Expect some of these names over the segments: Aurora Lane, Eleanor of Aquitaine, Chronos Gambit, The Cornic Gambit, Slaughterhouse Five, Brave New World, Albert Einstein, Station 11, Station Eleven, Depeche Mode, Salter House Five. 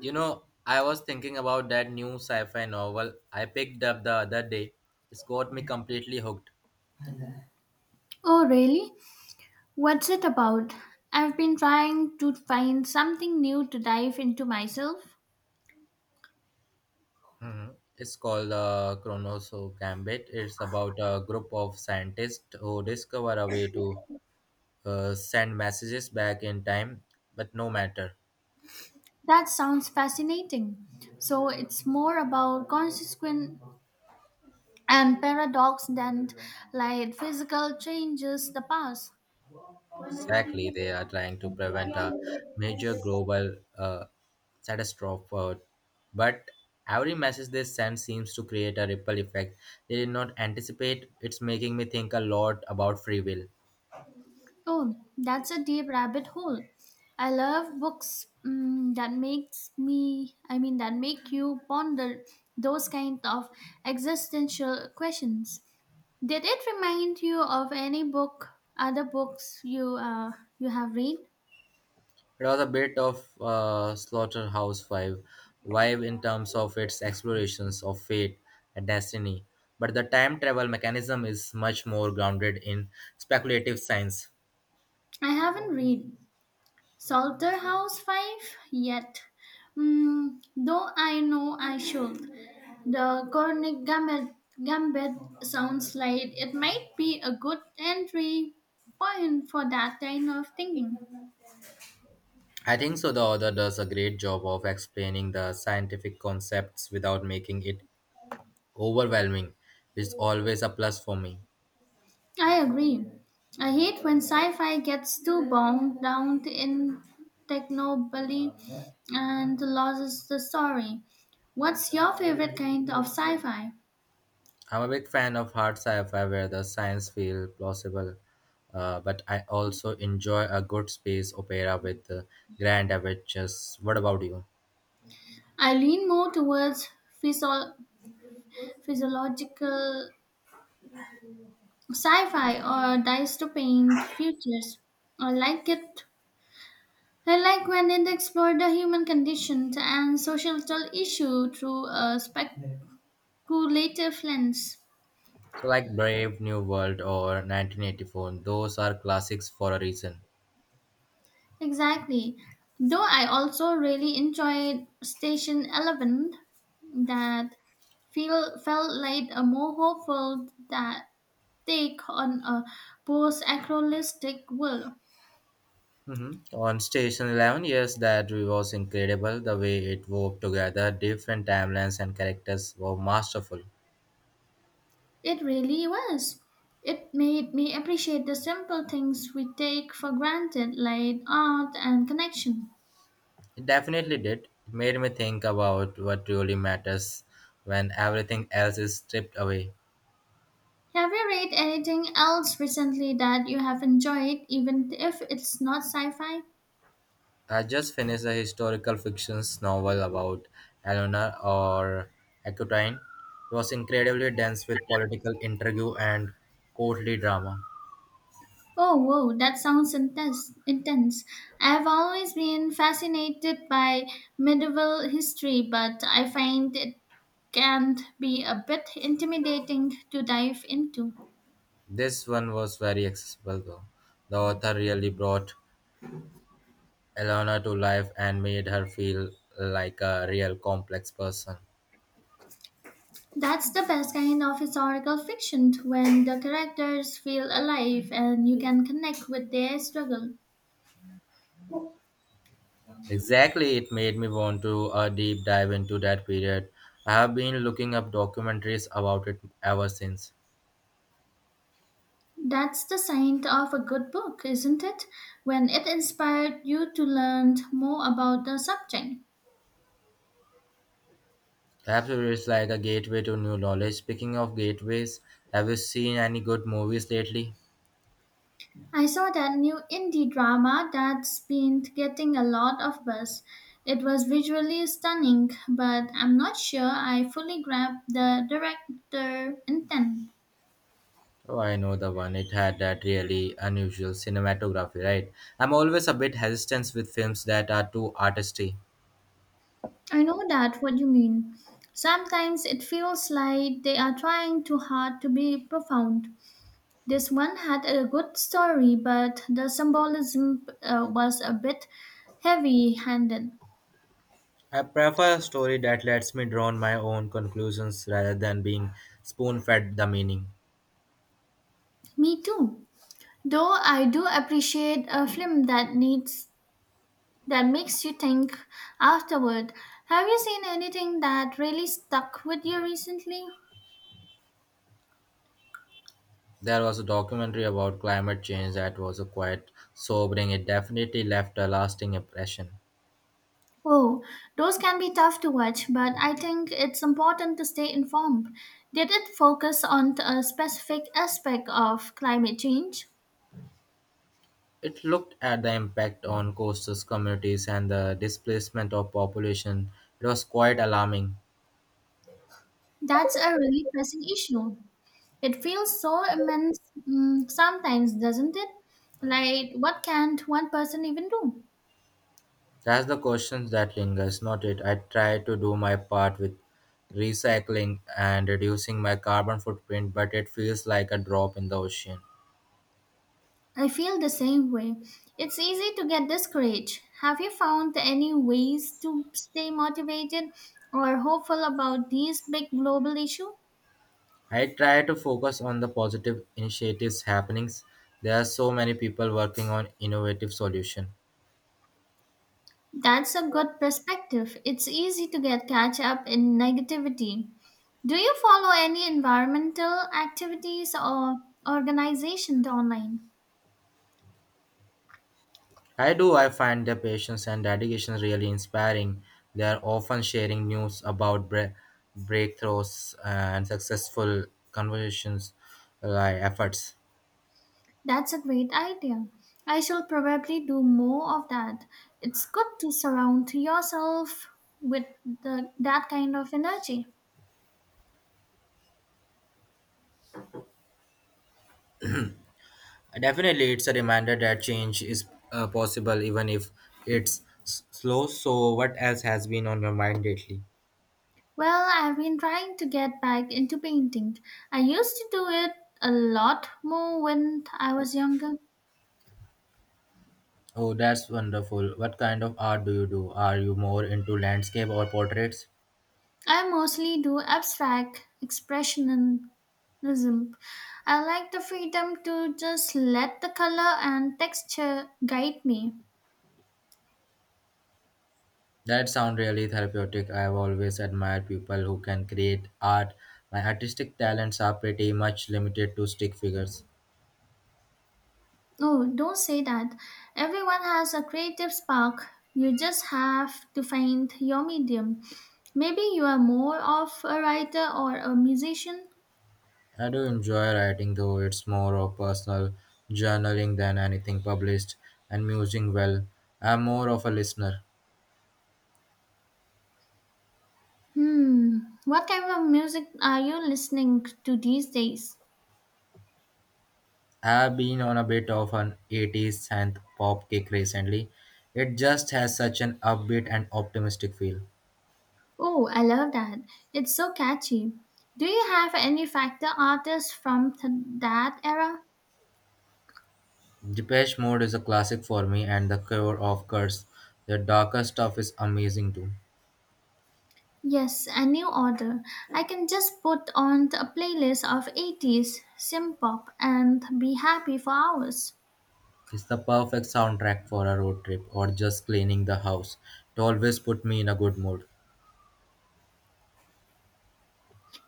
You know, I was thinking about that new sci-fi novel I picked up the other day. It's got me completely hooked. Oh, really? What's it about? I've been trying to find something new to dive into myself. Mhm. It's called Chronos Gambit. It's about a group of scientists who discover a way to send messages back in time, but no matter. That sounds fascinating. So it's more about consequence and paradox than like physical changes the past. Exactly, they are trying to prevent a major global catastrophe. But every message they send seems to create a ripple effect. They did not anticipate. It's making me think a lot about free will. Oh, that's a deep rabbit hole. I love books that makes me, I mean, that make you ponder those kind of existential questions. Did it remind you of any other books you have read? It was a bit of Slaughterhouse Five vibe in terms of its explorations of fate and destiny. But the time travel mechanism is much more grounded in speculative science. I haven't read Salter House Five yet, though I know I should. The Cornic Gambit sounds like it might be a good entry point for that kind of thinking. I think so. The author does a great job of explaining the scientific concepts without making it overwhelming, which is always a plus for me. I agree. I hate when sci-fi gets too bogged down in technobabble and loses the story. What's your favorite kind of sci-fi? I'm a big fan of hard sci-fi where the science feels plausible, but I also enjoy a good space opera with grand adventures. What about you? I lean more towards physio- physiological sci-fi or dystopian futures. I like it. I like when it explores the human condition and social issues through a speculative lens. So, like Brave New World or 1984, those are classics for a reason. Exactly. Though I also really enjoyed Station Eleven, that feel felt like a more hopeful that take on a post-acrolistic world. Hmm. On Station 11, yes, that was incredible. The way it wove together different timelines and characters was masterful. It really was. It made me appreciate the simple things we take for granted, like art and connection. It definitely did. It made me think about what really matters when everything else is stripped away. Have you read anything else recently that you have enjoyed, even if it's not sci-fi? I just finished a historical fiction novel about Eleanor or Aquitaine. It was incredibly dense with political intrigue and courtly drama. Oh, whoa, that sounds intense. I have always been fascinated by medieval history, but I find it can be a bit intimidating to dive into. This one was very accessible though. The author really brought Eleanor to life and made her feel like a real complex person. That's the best kind of historical fiction when the characters feel alive and you can connect with their struggle. Exactly, it made me want to a deep dive into that period. I have been looking up documentaries about it ever since. That's the sign of a good book, isn't it? When it inspired you to learn more about the subject. Perhaps it's like a gateway to new knowledge. Speaking of gateways, have you seen any good movies lately? I saw that new indie drama that's been getting a lot of buzz. It was visually stunning, but I'm not sure I fully grabbed the director intent. Oh, I know the one. It had that really unusual cinematography, right? I'm always a bit hesitant with films that are too artisty. I know that what you mean. Sometimes it feels like they are trying too hard to be profound. This one had a good story, but the symbolism was a bit heavy handed. I prefer a story that lets me draw my own conclusions rather than being spoon fed the meaning. Me too. Though I do appreciate a film that makes you think afterward. Have you seen anything that really stuck with you recently? There was a documentary about climate change that was quite sobering. It definitely left a lasting impression. Oh, those can be tough to watch, but I think it's important to stay informed. Did it focus on a specific aspect of climate change? It looked at the impact on coastal communities and the displacement of population. It was quite alarming. That's a really pressing issue. It feels so immense sometimes, doesn't it? Like, what can't one person even do? That's the question that lingers, not it. I try to do my part with recycling and reducing my carbon footprint, but it feels like a drop in the ocean. I feel the same way. It's easy to get discouraged. Have you found any ways to stay motivated or hopeful about these big global issues? I try to focus on the positive initiatives happenings. There are so many people working on innovative solutions. That's a good perspective. It's easy to get catch up in negativity. Do you follow any environmental activities or organizations online? I do. I find their patience and dedication really inspiring. They are often sharing news about breakthroughs and successful conversations like efforts. That's a great idea. I shall probably do more of that. It's good to surround yourself with that kind of energy. Definitely, it's a reminder that change is possible even if it's slow. So what else has been on your mind lately? Well, I've been trying to get back into painting. I used to do it a lot more when I was younger. Oh, that's wonderful. What kind of art do you do? Are you more into landscape or portraits? I mostly do abstract expressionism. I like the freedom to just let the color and texture guide me. That sound really therapeutic. I've always admired people who can create art. My artistic talents are pretty much limited to stick figures. Oh, don't say that. Everyone has a creative spark. You just have to find your medium. Maybe you are more of a writer or a musician. I do enjoy writing though it's more of personal journaling than anything published, and musing well. I'm more of a listener. Hmm, what kind of music are you listening to these days? I've been on a bit of an 80s synth pop kick recently. It just has such an upbeat and optimistic feel. Oh, I love that. It's so catchy. Do you have any factor artists from that era? Depeche Mode is a classic for me, and the cover of Curse, their darker stuff, is amazing too. Yes, a new order. I can just put on a playlist of 80s synth pop and be happy for hours. It's the perfect soundtrack for a road trip or just cleaning the house. It always put me in a good mood.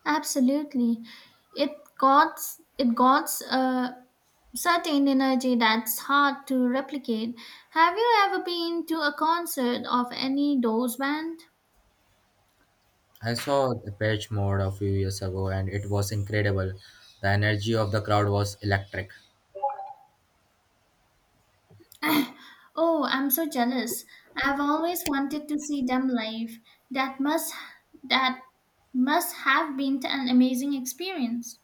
Absolutely. It got it got Certain energy that's hard to replicate. Have you ever been to a concert of any Doors band? I saw Depeche Mode a few years ago, and it was incredible. The energy of the crowd was electric. oh, I'm so jealous. I've always wanted to see them live. That must that must have been an amazing experience.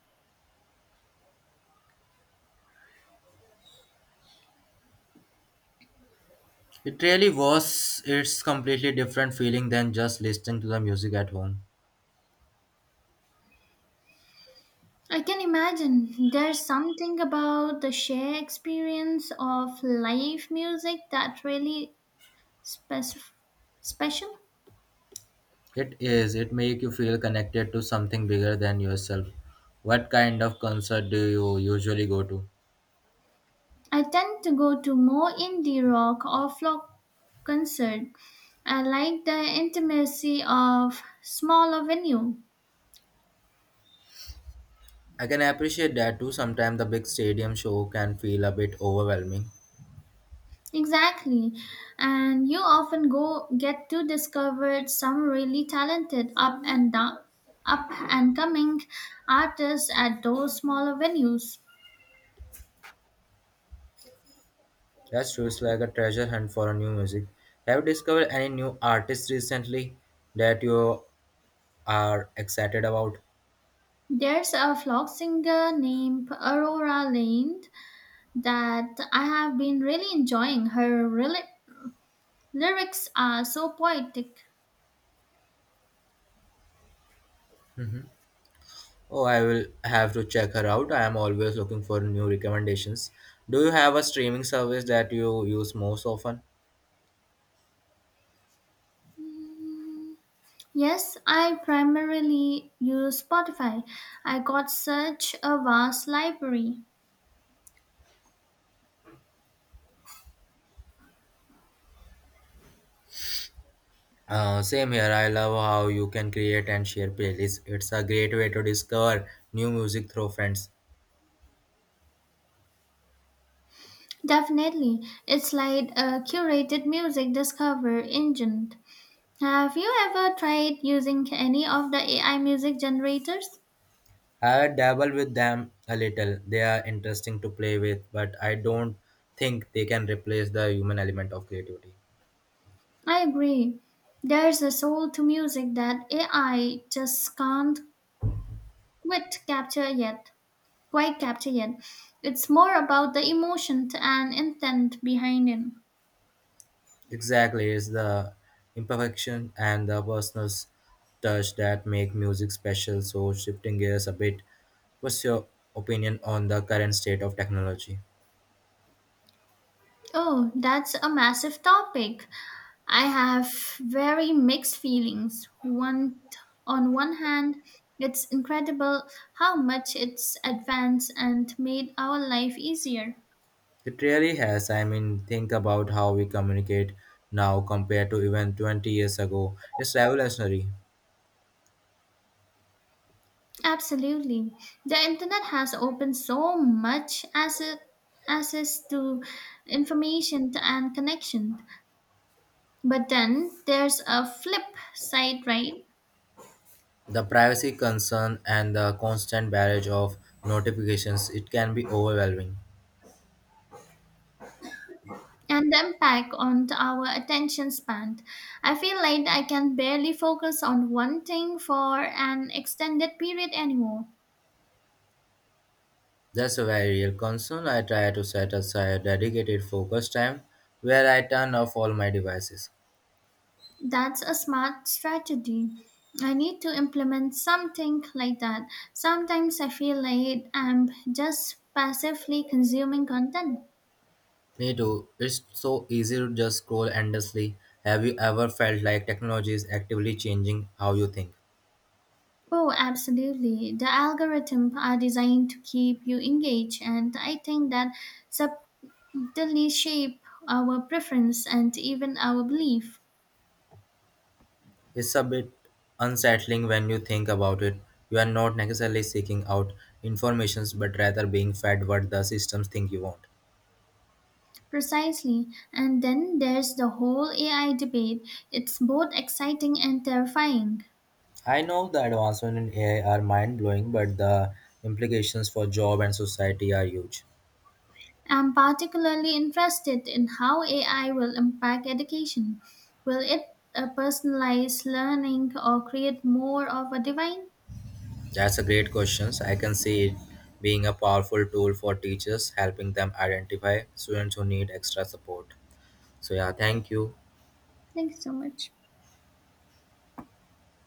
It really was. It's completely different feeling than just listening to the music at home. I can imagine there's something about the sheer experience of live music that really spec- special. It is. It make you feel connected to something bigger than yourself. What kind of concert do you usually go to? I tend to go to more indie rock or folk concert. I like the intimacy of smaller venue. I can appreciate that too. Sometimes the big stadium show can feel a bit overwhelming. Exactly. And you often go get to discover some really talented up and coming artists at those smaller venues. That's true. It's like a treasure hunt for a new music. Have you discovered any new artists recently that you are excited about? There's a folk singer named Aurora Lane that I have been really enjoying. Her lyrics are so poetic. Hmm. Oh, I will have to check her out. I am always looking for new recommendations. Do you have a streaming service that you use most often? Yes, I primarily use Spotify. I got such a vast library. Same here. I love how you can create and share playlists. It's a great way to discover new music through friends. Definitely, it's like a curated music discover engine. Have you ever tried using any of the AI music generators? I dabble with them a little. They are interesting to play with, but I don't think they can replace the human element of creativity. I agree. There's a soul to music that AI just can't quite capture yet. Quite capture yet. It's more about the emotion and intent behind it. Exactly, it's the imperfection and the personal touch that make music special. So, shifting gears a bit, what's your opinion on the current state of technology? Oh, that's a massive topic. I have very mixed feelings. One On one hand, it's incredible how much it's advanced and made our life easier. It really has. I mean, think about how we communicate now compared to even 20 years ago. It's revolutionary. Absolutely. The internet has opened so much access to information and connection. But then there's a flip side, right? The privacy concern and the constant barrage of notifications, it can be overwhelming. And the impact on our attention span. I feel like I can barely focus on one thing for an extended period anymore. That's a very real concern. I try to set aside dedicated focus time where I turn off all my devices. That's a smart strategy. I need to implement something like that. Sometimes I feel like I'm just passively consuming content. Me too. It's so easy to just scroll endlessly. Have you ever felt like technology is actively changing how you think? Oh, absolutely. The algorithms are designed to keep you engaged, and I think that subtly shape our preference and even our belief. It's a bit unsettling when you think about it. You are not necessarily seeking out informations but rather being fed what the systems think you want. Precisely. And then there's the whole AI debate. It's both exciting and terrifying. I know the advancements in AI are mind blowing, but the implications for job and society are huge. I'm particularly interested in how AI will impact education. Will it personalize learning or create more of a divine? That's a great question. I can see it being a powerful tool for teachers, helping them identify students who need extra support. So, yeah, thank you. Thanks so much.